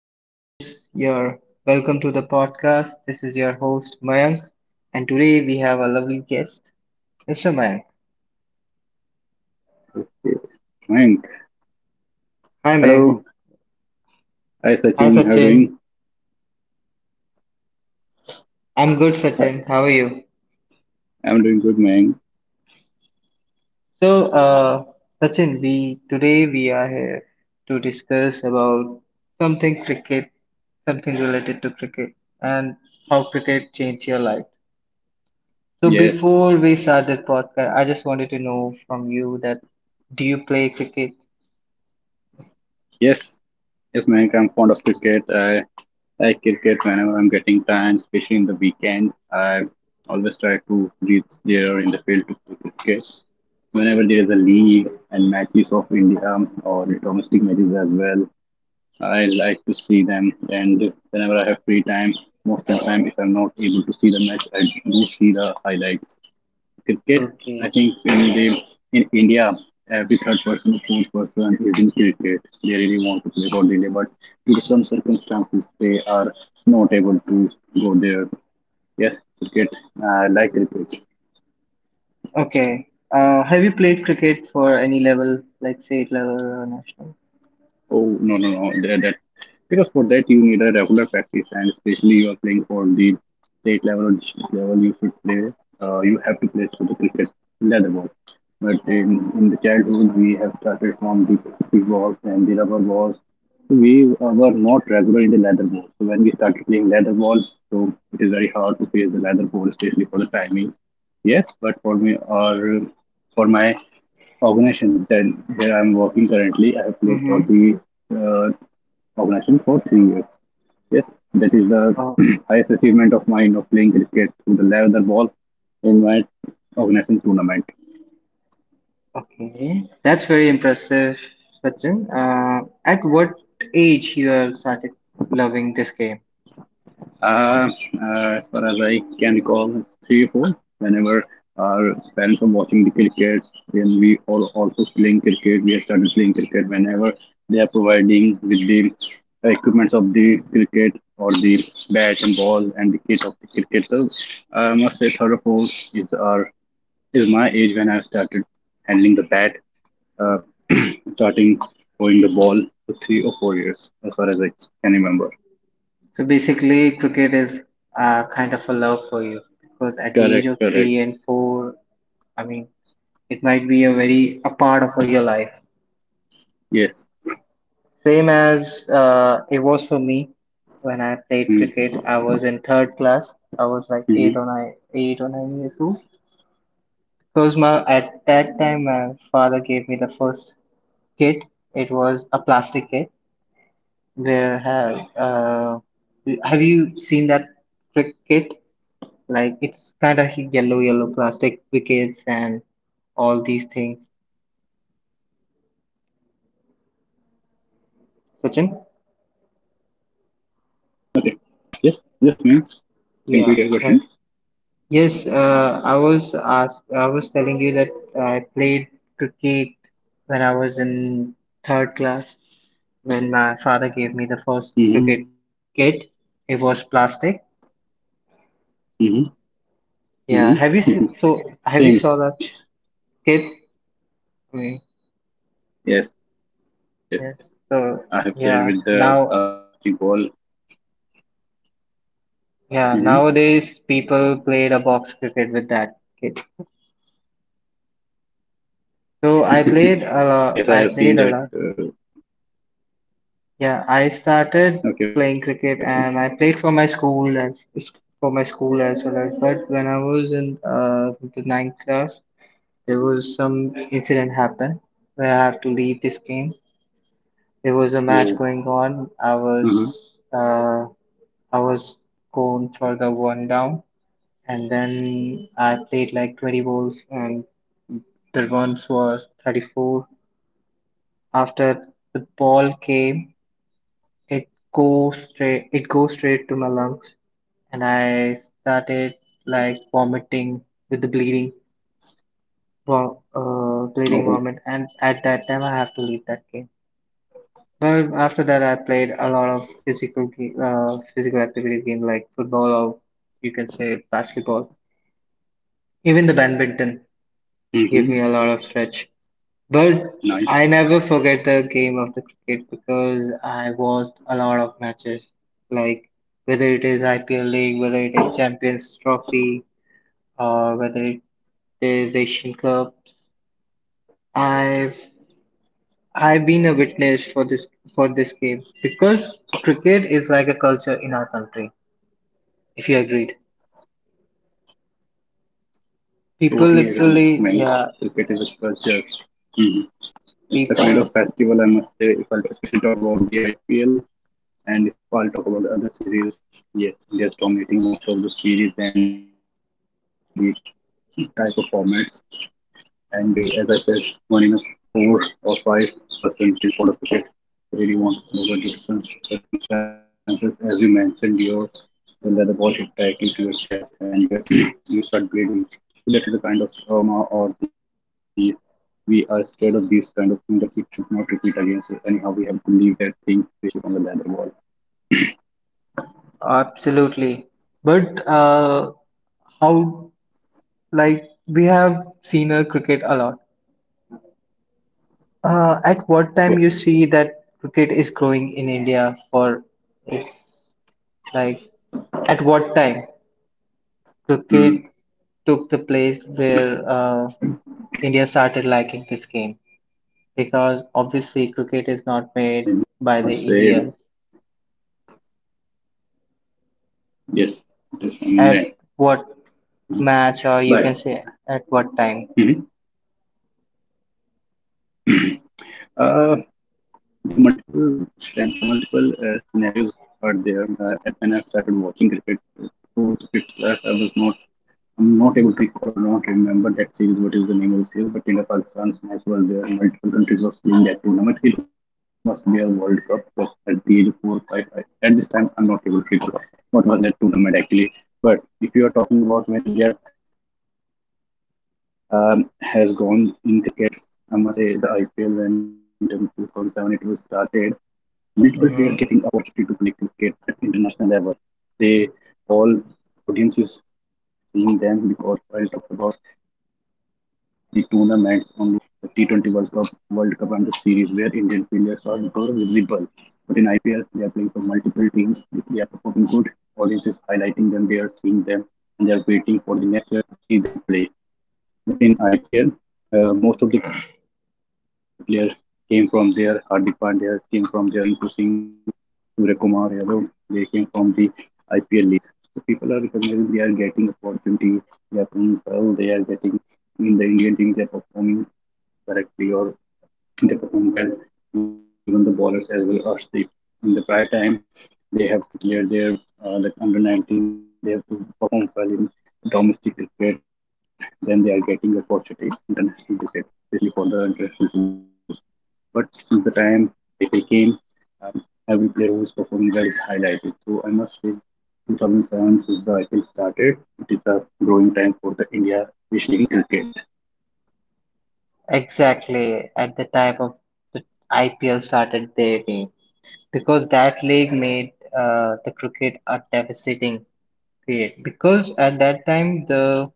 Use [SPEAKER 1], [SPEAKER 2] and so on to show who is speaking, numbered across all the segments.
[SPEAKER 1] This is your welcome to the podcast. This is your host Mayank, and today we have a lovely guest, Mr. Mayank.
[SPEAKER 2] Mayank.
[SPEAKER 1] Hi, Mayank.
[SPEAKER 2] Hello. Hi,
[SPEAKER 1] Hi,
[SPEAKER 2] Sachin. How are you
[SPEAKER 1] Sachin.
[SPEAKER 2] doing?
[SPEAKER 1] I'm good,
[SPEAKER 2] Uh,
[SPEAKER 1] Sachin. How are you?
[SPEAKER 2] I'm doing good, man.
[SPEAKER 1] So, uh, Sachin, we today we are here to discuss about something cricket, something related to cricket, and how cricket changed your life. So,
[SPEAKER 2] Yes.
[SPEAKER 1] before we start this podcast, I just wanted to know from you that do you play cricket?
[SPEAKER 2] Yes. Yes, man. I'm fond of cricket. I like cricket whenever I'm getting time, especially in the weekend. I always try to reach there in the field to play cricket. Whenever there is a league and matches of India or domestic matches as well, I like to see them. And whenever I have free time, most of the time, if I'm not able to see the match, I do see the highlights. Cricket, I
[SPEAKER 1] Okay.
[SPEAKER 2] think in India, every third person, fourth person is in cricket. They really want to play for Delhi, but due to some circumstances, they are not able to go there. Yes, cricket. I like cricket.
[SPEAKER 1] Okay. Have you played cricket for any level, like state level or national?
[SPEAKER 2] Oh, no, no, no. Because for that, you need a regular practice, and especially you are playing for the state level or district level, you should play. You have to play for the cricket, leather ball. But in the childhood, we have started from the plastic balls and the rubber balls. So we were not regular in the leather ball. So when we started playing leather balls, so it is very hard to face the leather ball, especially for the timing. Yes, but for me, or for my organizations that I'm working currently. I have played for
[SPEAKER 1] Mm-hmm.
[SPEAKER 2] the uh, organization for 3 years. Yes, that is
[SPEAKER 1] Oh,
[SPEAKER 2] the highest achievement of mine of playing cricket with the leather ball in my organization tournament.
[SPEAKER 1] okay. That's very impressive, Sachin. At what age you have started loving this game?
[SPEAKER 2] Uh, as far as I can recall, it's three or four. Whenever our parents are watching the cricket, then we are also playing cricket. We have started playing cricket whenever they are providing with the equipments of the cricket or the bat and ball and the kit of the cricket. So I must say, third or fourth is my age when I started handling the bat, uh, starting throwing the ball for 3 or 4 years, as far as I can remember.
[SPEAKER 1] So basically, cricket is kind of a love for you because at the age
[SPEAKER 2] Correct,
[SPEAKER 1] of
[SPEAKER 2] correct.
[SPEAKER 1] three and four, I mean, it might be a part of your life.
[SPEAKER 2] Yes.
[SPEAKER 1] Same as it was for me when I played cricket.
[SPEAKER 2] Mm.
[SPEAKER 1] I was in third class. I was like
[SPEAKER 2] Mm-hmm.
[SPEAKER 1] 8 or 9 years old. Because my at that time my father gave me the first kit. It was a plastic kit. Where have you seen that cricket? Like it's kind of yellow, yellow plastic wickets and all these things. Sachin?
[SPEAKER 2] Okay. Yes. Yes, ma'am. Can you repeat your question?
[SPEAKER 1] Yeah. Yes, I was telling you that I played cricket when I was in third class. When my
[SPEAKER 2] Mm-hmm.
[SPEAKER 1] father gave me the first cricket kit, it was plastic.
[SPEAKER 2] Mm-hmm. Mm-hmm.
[SPEAKER 1] Yeah,
[SPEAKER 2] Same.
[SPEAKER 1] have you saw that kit?
[SPEAKER 2] Yes.
[SPEAKER 1] Mm,
[SPEAKER 2] Yes. Yes. I have played with the
[SPEAKER 1] yes.
[SPEAKER 2] ASCII
[SPEAKER 1] So
[SPEAKER 2] ball.
[SPEAKER 1] yeah, now
[SPEAKER 2] Mm-hmm.
[SPEAKER 1] yeah nowadays people play the box cricket with that kit.
[SPEAKER 2] Yes, I have
[SPEAKER 1] So
[SPEAKER 2] seen
[SPEAKER 1] I
[SPEAKER 2] that.
[SPEAKER 1] played a lot. I played a lot.
[SPEAKER 2] Okay.
[SPEAKER 1] Yeah,
[SPEAKER 2] Okay.
[SPEAKER 1] I started playing cricket and I played for my school as well, as but when I was in the ninth class there was some incident happened where I had to leave this
[SPEAKER 2] Oh.
[SPEAKER 1] game. There
[SPEAKER 2] Mm-hmm.
[SPEAKER 1] was a match going on. I was uh, I was going for the one down and then I played like 20 balls and the runs was 34. After the ball came, it goes straight to my lungs and I started like vomiting with the bleeding vom
[SPEAKER 2] Oh.
[SPEAKER 1] bleeding vomit, and at that time I have to leave that game. But after that I played a lot of physical activities game like football or you can say basketball. Even the
[SPEAKER 2] Mm-hmm.
[SPEAKER 1] badminton gave me a lot of
[SPEAKER 2] Nice.
[SPEAKER 1] stretch. But I never forget the game of the cricket because I watched a lot of matches, like whether it is IPL League, whether it is Champions Trophy, or whether it is Asian Cups. I've I've been a witness for this game because cricket is like a culture in our country. If you agreed, people
[SPEAKER 2] Totally
[SPEAKER 1] literally,
[SPEAKER 2] agree, man.
[SPEAKER 1] yeah,
[SPEAKER 2] Cricket is a culture. Hmm. It's a
[SPEAKER 1] people
[SPEAKER 2] kind of festival, I must say. If I'll especially talk about the IPL, and if I'll talk about the other series, yes, they're dominating most of the series and the type of formats. And as I said, one in a four or five person is fond of cricket. They really want to know what the circumstances, as you mentioned, your the leather ball hit directly to your chest and you start bleeding. So that is a kind of trauma, or the we are scared of these kind of thing that it should not repeat again. So anyhow, we have to leave that thing, especially from the leather ball.
[SPEAKER 1] absolutely. But how, like we have seen a cricket a lot. At
[SPEAKER 2] Yep.
[SPEAKER 1] what time you see that cricket is growing in India it, like at what time
[SPEAKER 2] Mm,
[SPEAKER 1] cricket took the place
[SPEAKER 2] okay.
[SPEAKER 1] where India started liking this game because obviously cricket is
[SPEAKER 2] I
[SPEAKER 1] not
[SPEAKER 2] must
[SPEAKER 1] made
[SPEAKER 2] say,
[SPEAKER 1] by the Indians.
[SPEAKER 2] yes, it is from England.
[SPEAKER 1] At what match
[SPEAKER 2] But
[SPEAKER 1] or you can say at what time
[SPEAKER 2] mhm, there are multiple multiple scenarios are there. And when I started watching cricket, four to fifth class, I'm not able to recall or not remember that series. What is the name of the series? But India Pakistan's match was there. Multiple countries was playing that tournament. It must be a World Cup. Because at the age of four or five, I, at this time, I'm not able to recall what was that tournament actually. But if you are talking about when India has gone in cricket, I must say the IPL, when in 2007 it was started, multiple players getting
[SPEAKER 1] hmm
[SPEAKER 2] opportunity to play cricket at international level. They all Audience is seeing them, because I talked about the tournaments only: the T20 World Cup, World Cup and the series where Indian players are more visible. But in IPL, they are playing for multiple teams. If they are performing good, audience is highlighting them, they are seeing them, and they are waiting for the next year to see them play. But in IPL, most of the players came from there. Hardik Pandya came from there. Rinku Singh, Surya Kumar Yadav, they came from the IPL leagues. So people are recognizing, they are getting opportunity. They are playing well. They are getting in the Indian team. They are performing correctly, or they perform well. Even the bowlers as well are sleep in the prior time. They have to clear their like under 19. They have to perform well in domestic cricket. Then they are getting opportunity international cricket, especially for the international tours. But since the time that they came, um, every player who is performing well is highlighted. So I must say, 2007, since the IPL started, it is a growing time for the India, especially in cricket.
[SPEAKER 1] exactly at the time of the IPL started their game because that league made the cricket a devastating great, because at that time the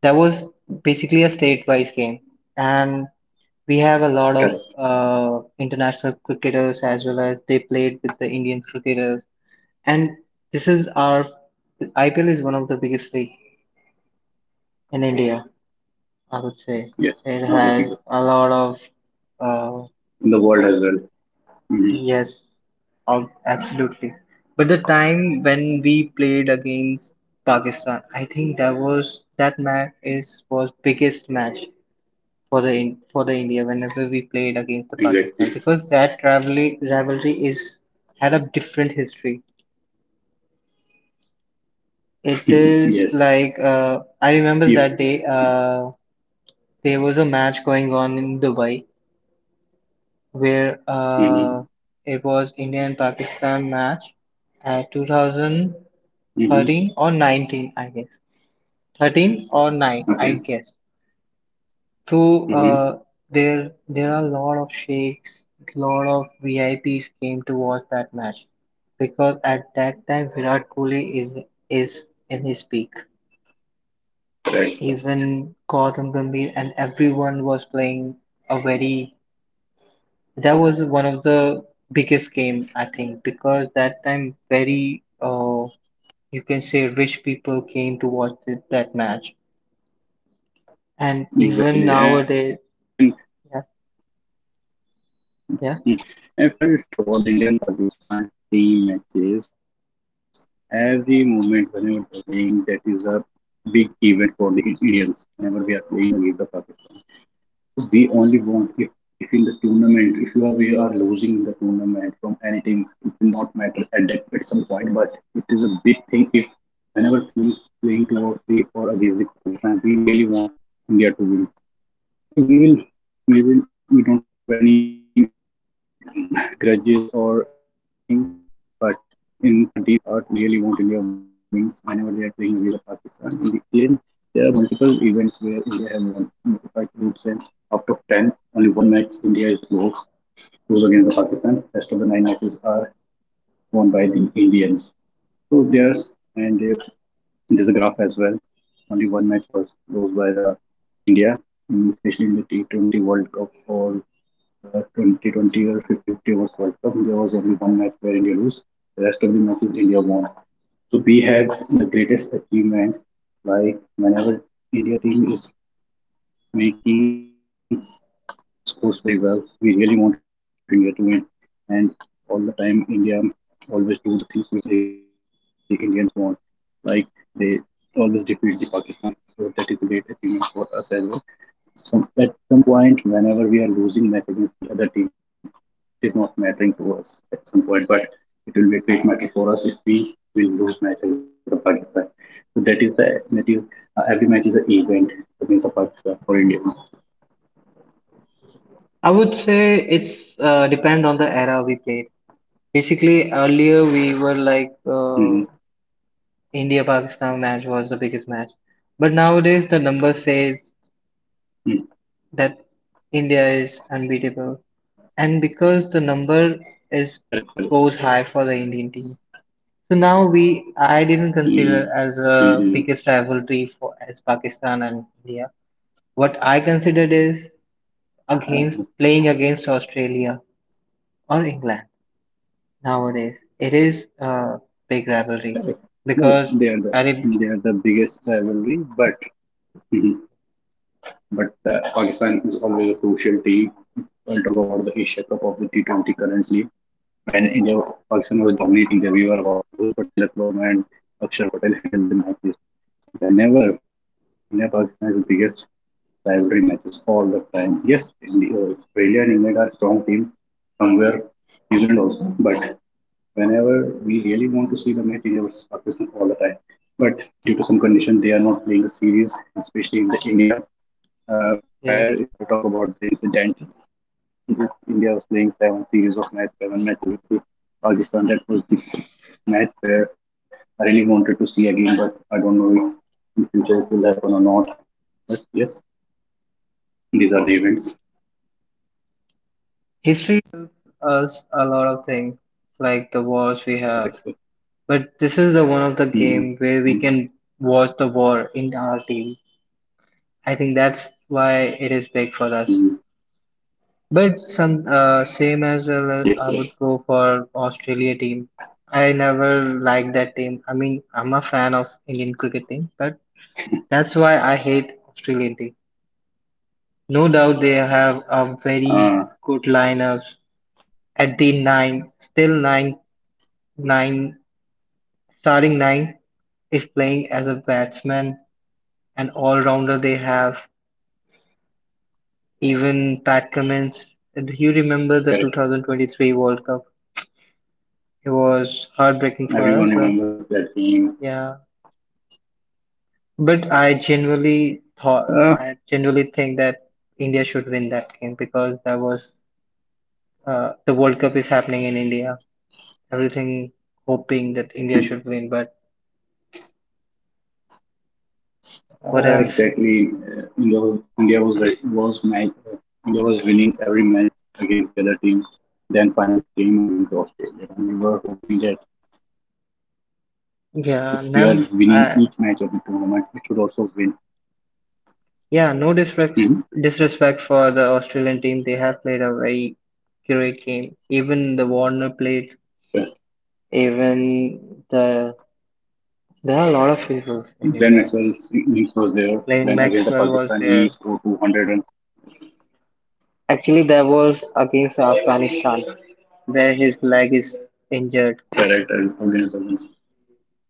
[SPEAKER 1] that was basically a state-wise game, and we have a lot of
[SPEAKER 2] Correct.
[SPEAKER 1] international cricketers as well as they played with the Indian cricketers, and this is our the IPL is one of the biggest league in India, I
[SPEAKER 2] Yes,
[SPEAKER 1] would
[SPEAKER 2] now
[SPEAKER 1] say.
[SPEAKER 2] the biggest
[SPEAKER 1] It has a lot of
[SPEAKER 2] in the
[SPEAKER 1] uh,
[SPEAKER 2] world as well. Mm-hmm.
[SPEAKER 1] yes, absolutely. But the time when we played against Pakistan, I think that was that match is was biggest match for the for the India whenever we played against
[SPEAKER 2] Exactly.
[SPEAKER 1] the Pakistan because that rivalry is had a different history. It
[SPEAKER 2] Yes.
[SPEAKER 1] is like I
[SPEAKER 2] If.
[SPEAKER 1] remember that day there was a match going on in Dubai where
[SPEAKER 2] Mm-hmm.
[SPEAKER 1] it was India and Pakistan match at 2000. 13
[SPEAKER 2] Mm-hmm.
[SPEAKER 1] or 19 I guess. 13 or 9 i guess
[SPEAKER 2] Okay.
[SPEAKER 1] so
[SPEAKER 2] Mm-hmm.
[SPEAKER 1] there are a lot of sheikhs, lot of vips came to watch that match because at that time virat kohli is in his peak, even
[SPEAKER 2] Correct.
[SPEAKER 1] Gautam Gambhir and everyone was playing a very that was one of the biggest game I think because that time very you can say rich people came to watch it, that match. And even
[SPEAKER 2] Exactly.
[SPEAKER 1] nowadays,
[SPEAKER 2] And
[SPEAKER 1] yeah, yeah.
[SPEAKER 2] mm, if I talk about the Indian Pakistan team matches, every moment whenever they're playing, that is a big event for the Indians whenever we are playing against the Pakistan. We only want, if in the tournament, if you are we are losing the tournament from anything, it will not matter at some point. But it is a big thing if, whenever playing towards the or against Pakistan, we really want India to win. we will we don't have any grudges or anything, but in in our deep heart we really want India wins whenever they are playing against Pakistan. In the end, there are multiple events where India has won notified groups, and out of 10 only one match India is lost, goes against the Pakistan. Rest of the nine matches are won by the Indians. So there's and they there's a graph as well. Only one match was lost by the India, especially in the T20 World Cup, or 2020, or 50 fifty overs World Cup. There was only one match where India lose. The rest of the matches India won. So we had the greatest achievement. Like whenever India team is making scores very well, we really want India to win, and all the time India always do the things which really Indians want, like they always defeat the Pakistan. So that is a great achievement for us as well. Some, at some point, whenever we are losing match against the other team, it is not mattering to us at some point, but it will be a great matter for us if we will lose match against the Pakistan. So that is the that is every match is an event against the Pakistan for Indians.
[SPEAKER 1] I would say it's depend on the era we played. Basically, earlier we were
[SPEAKER 2] Mhm.
[SPEAKER 1] like India-Pakistan match was the biggest match, but nowadays the number says
[SPEAKER 2] Mm.
[SPEAKER 1] that India is unbeatable, and because the number is
[SPEAKER 2] Correct, correct.
[SPEAKER 1] goes high for the Indian team, so now we I didn't consider
[SPEAKER 2] Mm,
[SPEAKER 1] as a biggest rivalry for as Pakistan and India. What I considered is
[SPEAKER 2] uh,
[SPEAKER 1] against playing against Australia or England nowadays. It is a
[SPEAKER 2] Correct.
[SPEAKER 1] big
[SPEAKER 2] No,
[SPEAKER 1] rivalry because
[SPEAKER 2] they are the
[SPEAKER 1] Arab
[SPEAKER 2] biggest rivalry, but mhm, but Pakistan is always a crucial team. I'll talk about the Asia Cup of the T20 currently. When India Pakistan was dominating, then we were about to lose, but Tilak Verma and Akshar Patel handled the matches. Whenever India-Pakistan is the biggest rivalry matches of all the time. Yes, India, Australia and England are strong team. Somewhere New Zealand also. But whenever we really want to see the match, India versus Pakistan all the time. But due to some condition, they are not playing the series, especially in the India uh,
[SPEAKER 1] is
[SPEAKER 2] where if I talk about the incident, India was playing seven series of match, seven matches against the Pakistan. That was the match where I really wanted to see again, but I don't know if in future it will happen or not. But yes, these are the events.
[SPEAKER 1] history gives us a lot of things like the wars we have,
[SPEAKER 2] Correct.
[SPEAKER 1] but this is the one of the game where we
[SPEAKER 2] Mhm.
[SPEAKER 1] can watch the war in our team. I think that's why it is
[SPEAKER 2] Mhm.
[SPEAKER 1] big for us. But some same as
[SPEAKER 2] Yes,
[SPEAKER 1] well,
[SPEAKER 2] yes.
[SPEAKER 1] I would go for Australia team. I never liked that team. I mean, I'm a fan of Indian cricket team, but that's why I hate Australian team. No doubt they have a very
[SPEAKER 2] Uh,
[SPEAKER 1] good lineups at the nine, nine, starting nine is playing as a batsman and all-rounder they have. Even Pat Cummins, do you remember the
[SPEAKER 2] Correct.
[SPEAKER 1] 2023 World Cup? It was heartbreaking for us, but
[SPEAKER 2] Everyone remembers that
[SPEAKER 1] yeah.
[SPEAKER 2] game.
[SPEAKER 1] But I genuinely
[SPEAKER 2] Uh,
[SPEAKER 1] think that India should win that game because that was the World Cup is happening in India. Everything hoping that India should win. But what else?
[SPEAKER 2] Exactly. India was like was match. India was winning every match against the other team. Then finally came against Australia. And we were hoping that if
[SPEAKER 1] Yeah,
[SPEAKER 2] we are
[SPEAKER 1] never.
[SPEAKER 2] winning each match of the tournament, it should also win.
[SPEAKER 1] Yeah, no
[SPEAKER 2] Mhm.
[SPEAKER 1] disrespect for the Australian team. They have played a very great game. Even the Warner played.
[SPEAKER 2] Uh,
[SPEAKER 1] Even the There are a lot of people in India.
[SPEAKER 2] Glenn Maxwell's
[SPEAKER 1] Lane
[SPEAKER 2] innings was there
[SPEAKER 1] Maxwell was
[SPEAKER 2] when
[SPEAKER 1] there.
[SPEAKER 2] against the Pakistan he scored 200 runs
[SPEAKER 1] Actually, there was against Afghanistan where his leg is injured.
[SPEAKER 2] direct and against the runs.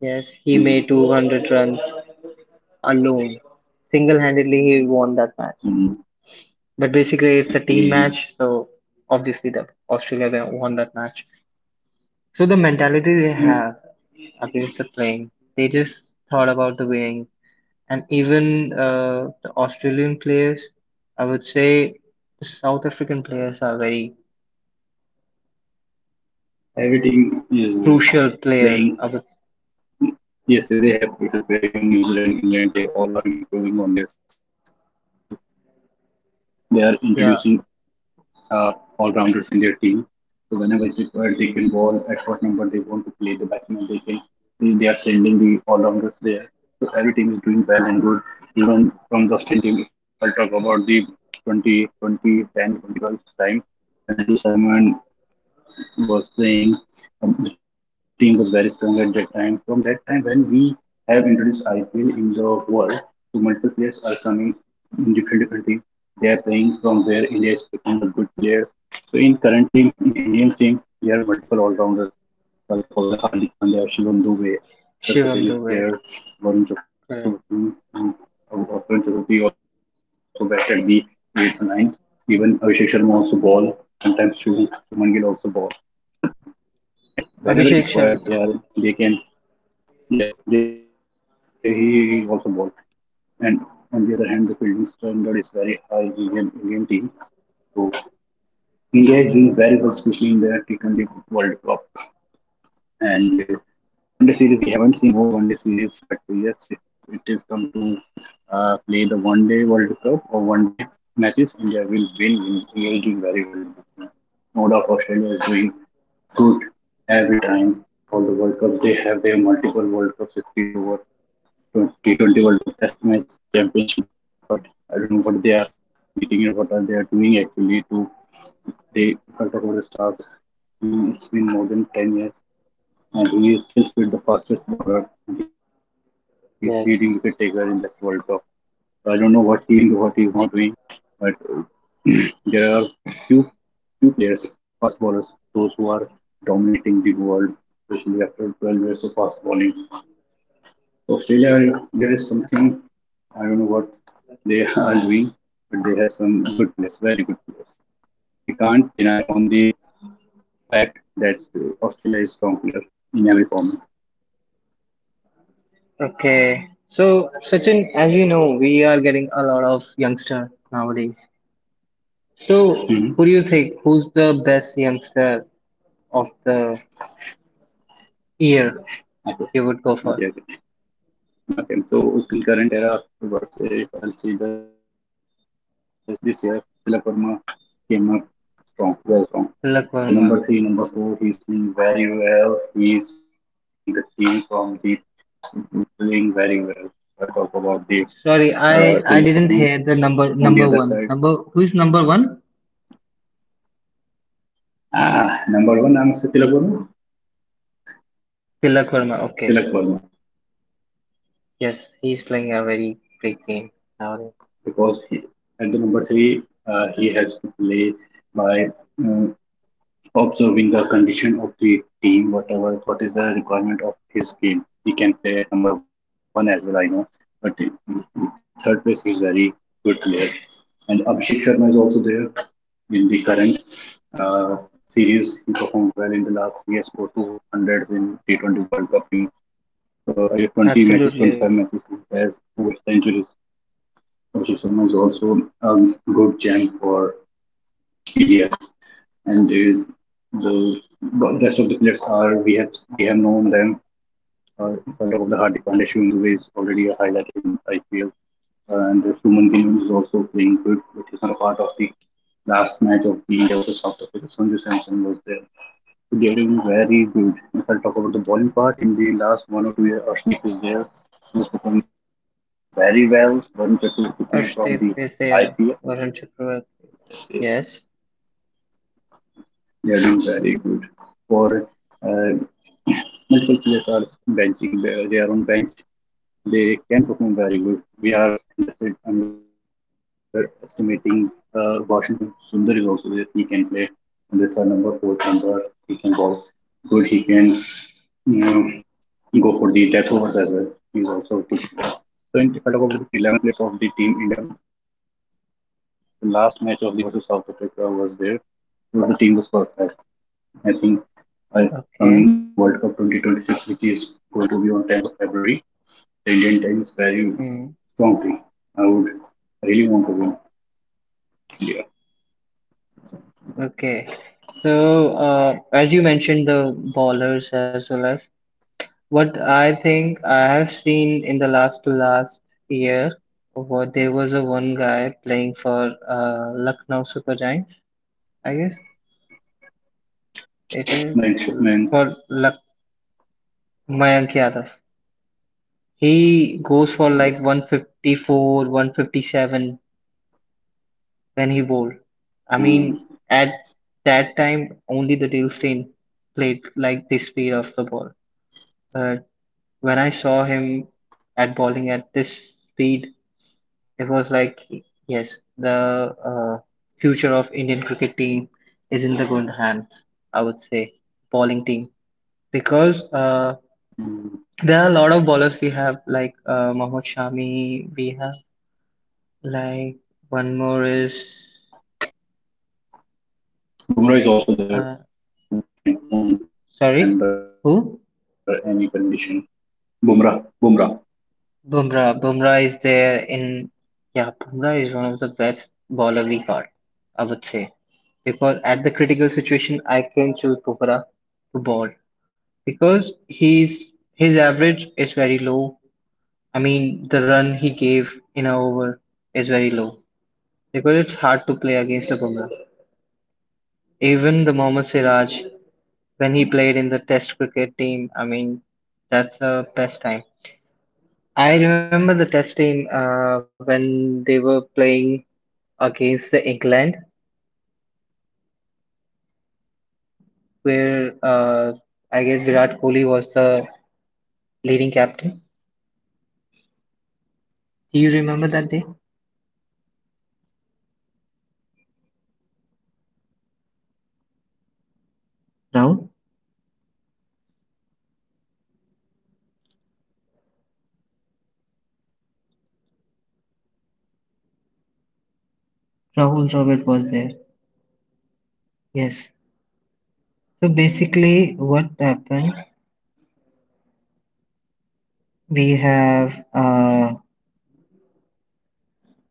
[SPEAKER 1] Yes, he made
[SPEAKER 2] Mhm.
[SPEAKER 1] 200 runs alone. Single-handedly, he won that match. But
[SPEAKER 2] Mhm.
[SPEAKER 1] basically, it's a team match, so
[SPEAKER 2] And
[SPEAKER 1] obviously the
[SPEAKER 2] he
[SPEAKER 1] Won that match. So the mentality they have against the playing,
[SPEAKER 2] Yes,
[SPEAKER 1] they just thought about the winning, and even the Australian players, I would say, the South African players are very crucial player. I
[SPEAKER 2] everything
[SPEAKER 1] would
[SPEAKER 2] is playing yes, yes, they have crucial player. Even New Zealand, England, they all are improving on their skill. They are
[SPEAKER 1] yeah,
[SPEAKER 2] introducing uh, all rounders in their team. So whenever it's required, they can ball at what number they want to play the batsman. They are sending the all rounders there. So every team is doing well and good. Even from the Australian team, if I talk about the 2010, 2012 time when Andrew Simon was playing, was very strong at that time. From that time, when we have introduced IPL in the world, so multiple players are coming in different different teams. They are playing from where India is picking the good players. So in currently in Indian team, there are multiple all rounders. I'll talk about the Hardik Pandya, Shivam Dubey, Sir
[SPEAKER 1] Shivam
[SPEAKER 2] Patel is
[SPEAKER 1] Dubey,
[SPEAKER 2] there, Varun
[SPEAKER 1] correct.
[SPEAKER 2] Chakravarti, and Varun Chakravarti also back at the 8th and ninth. Even Abhishek Sharma also ball, sometimes Shubman Gill also ball. So it whenever it's
[SPEAKER 1] Abhishek
[SPEAKER 2] required,
[SPEAKER 1] Sharma,
[SPEAKER 2] they can yes, they he also bowled. And on the other hand, the fielding standard is very high in Indian team. So India is doing very well, especially in the T20 World Cup. And in the one day series, we haven't seen more one day series, but yes, it is come to play the one day World Cup or one day matches. India will win. India is doing very well in this one. No doubt, Australia is doing good every time. All the World Cups they have their multiple World Cups, 50 over T20 World Cup, Test match, Championship. But I don't know what they are eating and what are they are doing actually to they if I talk about the stars. It's been more than 10 years and he is still the fastest bowler. And he's leading wicket taker in the Test
[SPEAKER 1] yes.
[SPEAKER 2] World Cup. So I don't know what he is doing, what he is not doing, but there are few few players, fast bowlers, those who are dominating the world, especially after 12 years of fast bowling. So, Australia, there is something I don't know what they are doing, but they have some good players, very good players. We can't deny on the fact that Australia is strong player in every format.
[SPEAKER 1] Okay, so Sachin, as you know, we are getting a lot of youngster nowadays. So, who do you think?
[SPEAKER 2] Hmm.
[SPEAKER 1] Who's the best youngster of the year you would go for?
[SPEAKER 2] Okay, okay. Okay, so in current era, what's a currency guys this year, Tilak Verma came up strong, very strong.
[SPEAKER 1] Tilak
[SPEAKER 2] At the
[SPEAKER 1] Verma.
[SPEAKER 2] number three, number four, he's playing very well. He's bringing the team from the defeat part. He's playing very well. I'll talk about the
[SPEAKER 1] Sorry, I didn't
[SPEAKER 2] Tilak
[SPEAKER 1] hear the
[SPEAKER 2] Verma. On the other
[SPEAKER 1] number
[SPEAKER 2] side,
[SPEAKER 1] one. Number who's number one?
[SPEAKER 2] number one, I'm say Tilak Verma.
[SPEAKER 1] Tilak Verma. Okay.
[SPEAKER 2] Tilak Verma,
[SPEAKER 1] Yes, he's playing a very great game now.
[SPEAKER 2] because he, at the number three, he has to play by uh, observing the condition of the team, whatever, what is the requirement of his game. He can play at number one as well, I know, but at third place, he's very good player. And Abhishek Sharma is also there in the current uh, series. He performed well in the last. He has scored 200s in T20 World Cup in uh, 20 matches,
[SPEAKER 1] Absolutely.
[SPEAKER 2] 25 matches. He has two centuries. Abhishek Sharma is also a good gem for Ilya, and the rest of the players are we have known them. If I talk of the Hardik Pandya, Shubham Dubey is already highlighted in IPL, and Suman Gill is also playing good, but he's not a part of the last match of the India versus South Africa. Sanju Samson was there. So they are doing very good. If I talk about the bowling part, in the last 1 or 2 years, Ashleek is there. He was performing very well. Varun Chakravarti
[SPEAKER 1] Arshdeep
[SPEAKER 2] came
[SPEAKER 1] is
[SPEAKER 2] from the
[SPEAKER 1] there. Varun
[SPEAKER 2] IPL.
[SPEAKER 1] Chakravarti. Yes.
[SPEAKER 2] They are doing very good for uh, multiple players are benching. They are on bench. They can perform very good. We are underestimating Washington. Sundar is also there. He can play on the third number, fourth number. He can bowl good. He can uh, go for the death overs as well. He's also a good for. So if I talk about the 11 players of the team India, the last match of the India versus South Africa was there. So the team was perfect. I think uh,
[SPEAKER 1] Okay.
[SPEAKER 2] coming World Cup 2026, which is going to be on 10th of February, the Indian team is very
[SPEAKER 1] Hmm.
[SPEAKER 2] strong team. I would really want to win India.
[SPEAKER 1] Okay. So, as you mentioned, the bowlers as well as what I think I have seen in the last to last year, what there was a one guy playing for Lucknow Super Giants. I guess it is
[SPEAKER 2] Mayank,
[SPEAKER 1] for
[SPEAKER 2] Mayank,
[SPEAKER 1] Luck Mayank Yadav. He goes for like
[SPEAKER 2] yes.
[SPEAKER 1] 154, 157 when he bowled. I mean, at
[SPEAKER 2] Mm.
[SPEAKER 1] that time only the Dale Steyn played like this speed of the ball. But when I saw him at bowling at this speed, it was like, yes, the uh, future of Indian cricket team is in the good hands. I would say bowling team because there are a lot
[SPEAKER 2] Mm.
[SPEAKER 1] of bowlers we have like Mohammad Shami. We have like one more is uh,
[SPEAKER 2] Bumrah is also there who
[SPEAKER 1] sorry,
[SPEAKER 2] can perform
[SPEAKER 1] who?
[SPEAKER 2] under any condition. Bumrah, Bumrah.
[SPEAKER 1] Bumrah. Bumrah is there in yeah. Bumrah is one of the best bowler we got. I would say because at the critical situation I can choose Bumrah
[SPEAKER 2] Mm,
[SPEAKER 1] to bowl because he's his
[SPEAKER 2] there are
[SPEAKER 1] average
[SPEAKER 2] multiple
[SPEAKER 1] is
[SPEAKER 2] players,
[SPEAKER 1] very
[SPEAKER 2] I
[SPEAKER 1] low.
[SPEAKER 2] would say,
[SPEAKER 1] I
[SPEAKER 2] uh,
[SPEAKER 1] mean, the run he
[SPEAKER 2] those
[SPEAKER 1] gave
[SPEAKER 2] who are
[SPEAKER 1] in an
[SPEAKER 2] doing very
[SPEAKER 1] over
[SPEAKER 2] good in
[SPEAKER 1] is very
[SPEAKER 2] domestic
[SPEAKER 1] low
[SPEAKER 2] cricket. But if
[SPEAKER 1] because
[SPEAKER 2] they'll
[SPEAKER 1] it's hard
[SPEAKER 2] perform,
[SPEAKER 1] to play
[SPEAKER 2] they
[SPEAKER 1] against a
[SPEAKER 2] continues
[SPEAKER 1] Bumrah.
[SPEAKER 2] performing very well, they get the chance
[SPEAKER 1] Even the
[SPEAKER 2] in
[SPEAKER 1] Mohammad
[SPEAKER 2] T20
[SPEAKER 1] Siraj,
[SPEAKER 2] World Cup or the
[SPEAKER 1] when
[SPEAKER 2] international
[SPEAKER 1] he
[SPEAKER 2] market
[SPEAKER 1] played
[SPEAKER 2] as
[SPEAKER 1] in the
[SPEAKER 2] well.
[SPEAKER 1] Test cricket team, I mean, that's the best time. I remember the Test team when they
[SPEAKER 2] Yeah.
[SPEAKER 1] were playing against the
[SPEAKER 2] So,
[SPEAKER 1] England,
[SPEAKER 2] so what do you think in the current T20 World
[SPEAKER 1] where
[SPEAKER 2] Cup? Who's
[SPEAKER 1] I guess
[SPEAKER 2] dominating the other
[SPEAKER 1] Virat Kohli
[SPEAKER 2] teams
[SPEAKER 1] was
[SPEAKER 2] other than
[SPEAKER 1] the
[SPEAKER 2] India? What do you
[SPEAKER 1] leading
[SPEAKER 2] think,
[SPEAKER 1] captain. Do you remember that day? Rahul,
[SPEAKER 2] the man?
[SPEAKER 1] Rahul Dravid was there. Yes. So basically, what
[SPEAKER 2] And
[SPEAKER 1] happened? We have
[SPEAKER 2] okay,
[SPEAKER 1] uh,
[SPEAKER 2] so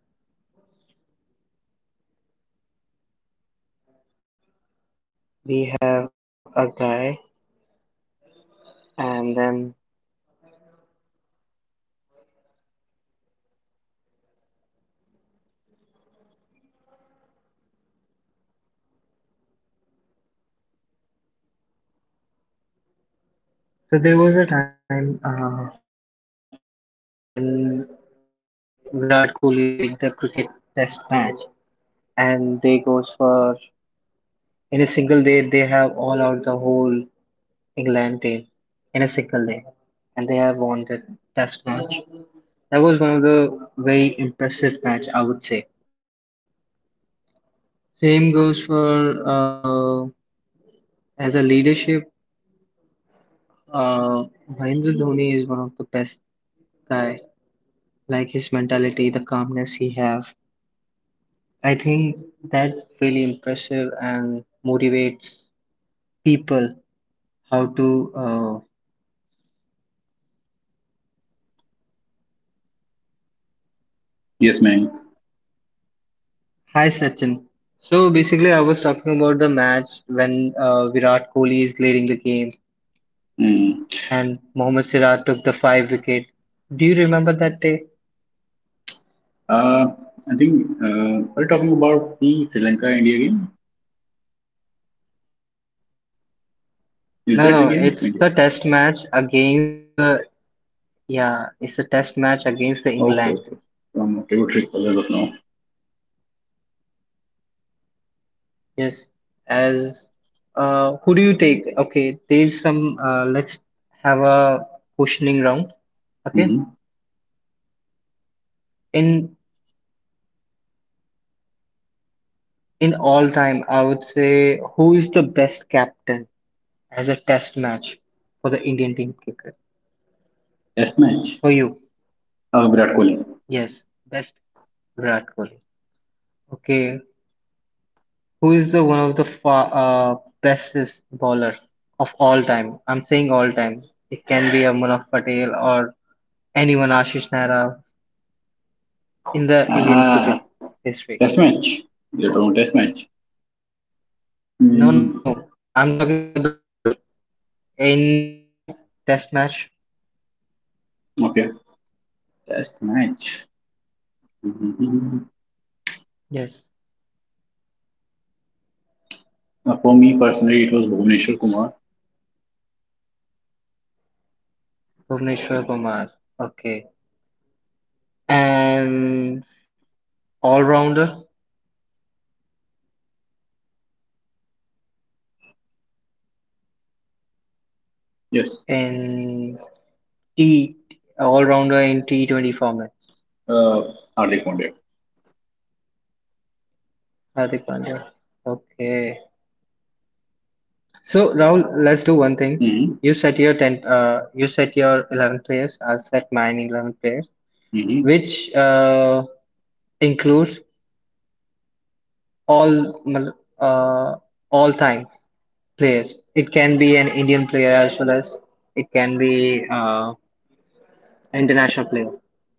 [SPEAKER 2] according to me, the T20 World Cup India should win definitely at any cost.
[SPEAKER 1] we
[SPEAKER 2] We are
[SPEAKER 1] have a
[SPEAKER 2] hoping that
[SPEAKER 1] guy,
[SPEAKER 2] team should bring World Cup
[SPEAKER 1] and
[SPEAKER 2] again
[SPEAKER 1] then
[SPEAKER 2] to home. Uh, we are independent and champion of T20 World Cup, and this match is about to held on.
[SPEAKER 1] so there was a time when Virat Kohli leading the cricket Test match, and they goes for in a single day they have all out the whole England team in a single day, and they have won the Test match. That was one of the very impressive match, I would say. Same goes for as a leadership. Uh, Mahendra Dhoni is one of the best guy. Like his mentality, the calmness he have. I think that's really impressive and motivates people how to.
[SPEAKER 2] Yes, man.
[SPEAKER 1] Hi Sachin. So basically, I was talking about the match when Virat Kohli is leading the game
[SPEAKER 2] Mm.
[SPEAKER 1] and Mohammad Siraj took the five wicket. Do you remember that day?
[SPEAKER 2] Uh, I think we're talking about the Sri Lanka India game.
[SPEAKER 1] No, no,
[SPEAKER 2] Is
[SPEAKER 1] it's the
[SPEAKER 2] that the
[SPEAKER 1] test
[SPEAKER 2] game? India.
[SPEAKER 1] match against the yeah, it's a test match against the England.
[SPEAKER 2] Okay, okay. Okay, good recall as of now.
[SPEAKER 1] Yes, as who do you take? Okay, there's some. Let's have a questioning round. Okay,
[SPEAKER 2] Mm-hmm.
[SPEAKER 1] in in all time, I would say who is the best captain as a test match for the Indian team cricket
[SPEAKER 2] Test match.
[SPEAKER 1] for you?
[SPEAKER 2] Virat Kohli.
[SPEAKER 1] Yes, best Virat Kohli. Okay, who is the one of the bestest bowlers of all time? I'm saying all time. It can be a Amraf Patel or anyone, Ashish Nair, in the Indian
[SPEAKER 2] Ah,
[SPEAKER 1] cricket
[SPEAKER 2] Test
[SPEAKER 1] history.
[SPEAKER 2] match. You're talking about test match.
[SPEAKER 1] No, no, I'm talking
[SPEAKER 2] Mm,
[SPEAKER 1] about the bowler. In yeah, Test match.
[SPEAKER 2] okay. Test match. Mm-hmm.
[SPEAKER 1] Yes,
[SPEAKER 2] For me personally, it was Bhuvneshwar Kumar.
[SPEAKER 1] Bhuvneshwar Kumar. Okay, and all rounder
[SPEAKER 2] Yes.
[SPEAKER 1] in T all rounder in T20 format.
[SPEAKER 2] Uh, Hardik Pandya.
[SPEAKER 1] Hardik Pandya. Okay, so Rahul, let's do one thing.
[SPEAKER 2] Mm-hmm.
[SPEAKER 1] You set your ten. You set your 11 players. I'll set mine 11 players,
[SPEAKER 2] Mm-hmm.
[SPEAKER 1] which includes all. mal- Uh, all time players. It can be an Indian player as well as it can be an international player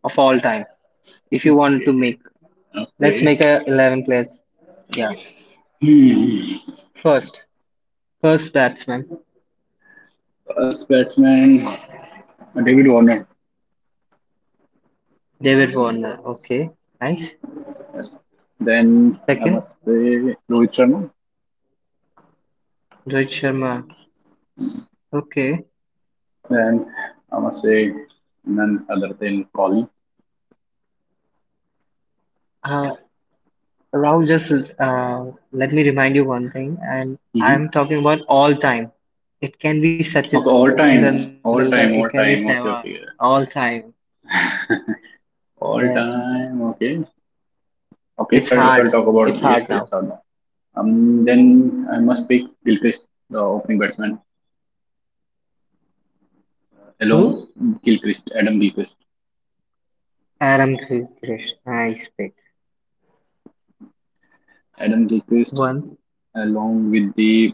[SPEAKER 1] of all time. If you want to
[SPEAKER 2] Okay.
[SPEAKER 1] make, let's make
[SPEAKER 2] Okay.
[SPEAKER 1] a 11 players. Yeah.
[SPEAKER 2] Hmm.
[SPEAKER 1] First, first batsman,
[SPEAKER 2] First batsman, David Warner.
[SPEAKER 1] David Warner. Okay, nice.
[SPEAKER 2] Yes. Then I
[SPEAKER 1] Second,
[SPEAKER 2] must say Rohit Sharma.
[SPEAKER 1] Rohit Sharma. Okay.
[SPEAKER 2] Then I must say none other than Kohli.
[SPEAKER 1] Uh, Rahul, just uh, let me remind you one thing, and
[SPEAKER 2] Hmm.
[SPEAKER 1] I'm talking about all time. It can be Sachin
[SPEAKER 2] Okay, all
[SPEAKER 1] Tendulkar,
[SPEAKER 2] time,
[SPEAKER 1] it can be
[SPEAKER 2] all
[SPEAKER 1] Sehwag,
[SPEAKER 2] time, all
[SPEAKER 1] all
[SPEAKER 2] time. Okay,
[SPEAKER 1] time.
[SPEAKER 2] okay, yeah.
[SPEAKER 1] Yes.
[SPEAKER 2] All time. Okay,
[SPEAKER 1] It's hard.
[SPEAKER 2] okay. If
[SPEAKER 1] It's
[SPEAKER 2] I if
[SPEAKER 1] hard
[SPEAKER 2] I
[SPEAKER 1] now.
[SPEAKER 2] talk about, yes, yes or no. Then I must pick Gilchrist, the opening batsman, along.
[SPEAKER 1] Who?
[SPEAKER 2] Gilchrist,
[SPEAKER 1] Param Sri Krishna I speak.
[SPEAKER 2] Adam Gilchrist,
[SPEAKER 1] One.
[SPEAKER 2] along with the.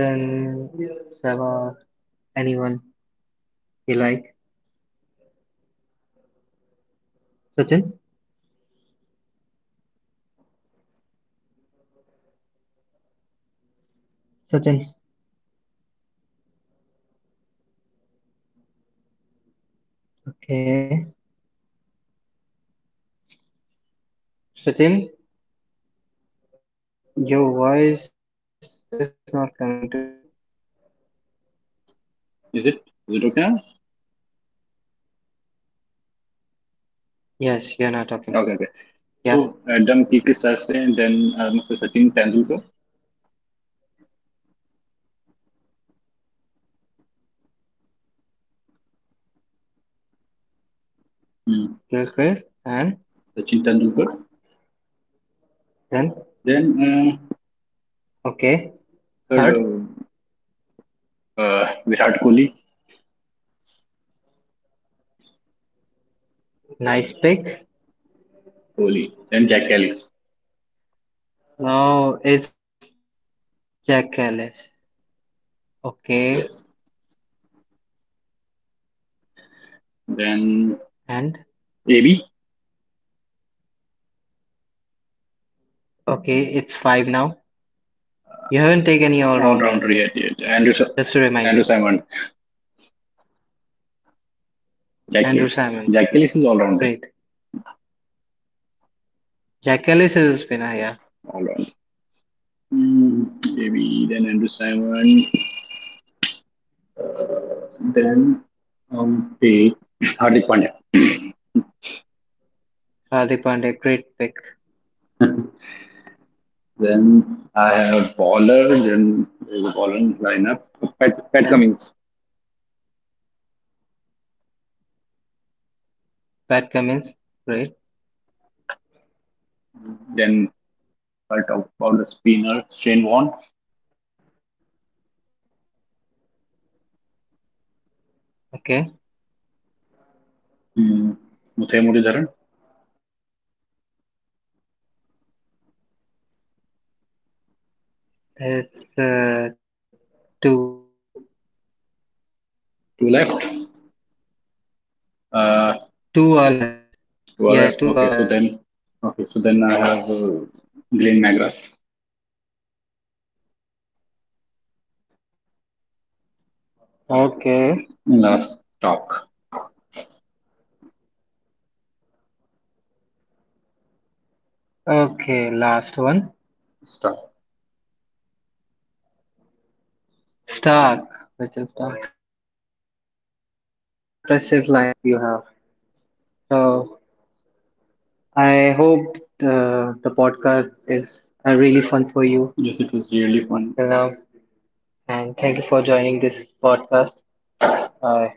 [SPEAKER 1] Sachin, Savar, anyone you like. Sachin? Sachin. Okay. Sachin, your voice is not coming to me.
[SPEAKER 2] Is it is it okay now?
[SPEAKER 1] Yes, you're not talking.
[SPEAKER 2] Okay, okay.
[SPEAKER 1] Yeah.
[SPEAKER 2] So Donkey Kisase, then Mr. Sachin Tendulkar.
[SPEAKER 1] Kill
[SPEAKER 2] Hmm,
[SPEAKER 1] Chris. And
[SPEAKER 2] Sachin Tendulkar,
[SPEAKER 1] then,
[SPEAKER 2] then
[SPEAKER 1] okay.
[SPEAKER 2] third,
[SPEAKER 1] Third,
[SPEAKER 2] Virat Kohli.
[SPEAKER 1] nice pick.
[SPEAKER 2] Kohli, then Jack Ellis,
[SPEAKER 1] No, it's Jack Ellis. Okay.
[SPEAKER 2] yes, then
[SPEAKER 1] And,
[SPEAKER 2] AB
[SPEAKER 1] okay, it's five now. You haven't taken any all
[SPEAKER 2] all
[SPEAKER 1] rounder
[SPEAKER 2] rounder, yeah,
[SPEAKER 1] yet.
[SPEAKER 2] yeah,
[SPEAKER 1] Just to remind you,
[SPEAKER 2] Andrew Simon, Jack
[SPEAKER 1] Andrew
[SPEAKER 2] Ellis,
[SPEAKER 1] Simon,
[SPEAKER 2] Jack Ellis is all rounder,
[SPEAKER 1] great. Jack Ellis is a spinner, yeah.
[SPEAKER 2] all rounder. Hmm, AB, then Andrew Simon, then the Hardik Pandya.
[SPEAKER 1] Hardik Pandya, great pick.
[SPEAKER 2] Then I have Waller, then there's a Waller in lineup.
[SPEAKER 1] Then
[SPEAKER 2] Pat Cummings.
[SPEAKER 1] Pat Cummins, great.
[SPEAKER 2] Then I'll talk about the spinner, Shane Warne,
[SPEAKER 1] Okay,
[SPEAKER 2] mm. Muthiah Muralidharan.
[SPEAKER 1] it's two.
[SPEAKER 2] To left.
[SPEAKER 1] Two
[SPEAKER 2] Uh,
[SPEAKER 1] are left. Yes, two are
[SPEAKER 2] to are
[SPEAKER 1] left.
[SPEAKER 2] left. Okay, so then, I have Glenn McGrath.
[SPEAKER 1] Okay,
[SPEAKER 2] Last talk.
[SPEAKER 1] okay, last one.
[SPEAKER 2] Stop.
[SPEAKER 1] Stark, Mr. Stark. That's a really impressive lineup you have. So I hope the podcast is really fun for you
[SPEAKER 2] Yes, it was really fun.
[SPEAKER 1] till now, and thank you for joining this podcast. I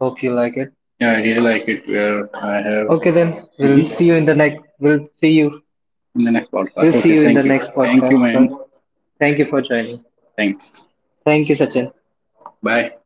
[SPEAKER 1] hope you like it.
[SPEAKER 2] Yeah, I really like it where I have.
[SPEAKER 1] Okay, then we'll
[SPEAKER 2] Hmm.
[SPEAKER 1] see you in the next. We'll see you.
[SPEAKER 2] In the next podcast. Okay,
[SPEAKER 1] We'll see
[SPEAKER 2] thank
[SPEAKER 1] you
[SPEAKER 2] you.
[SPEAKER 1] in the next
[SPEAKER 2] Thank you, Mayank.
[SPEAKER 1] podcast. So thank you for joining.
[SPEAKER 2] Thanks.
[SPEAKER 1] Thank you, Sachin.
[SPEAKER 2] Bye.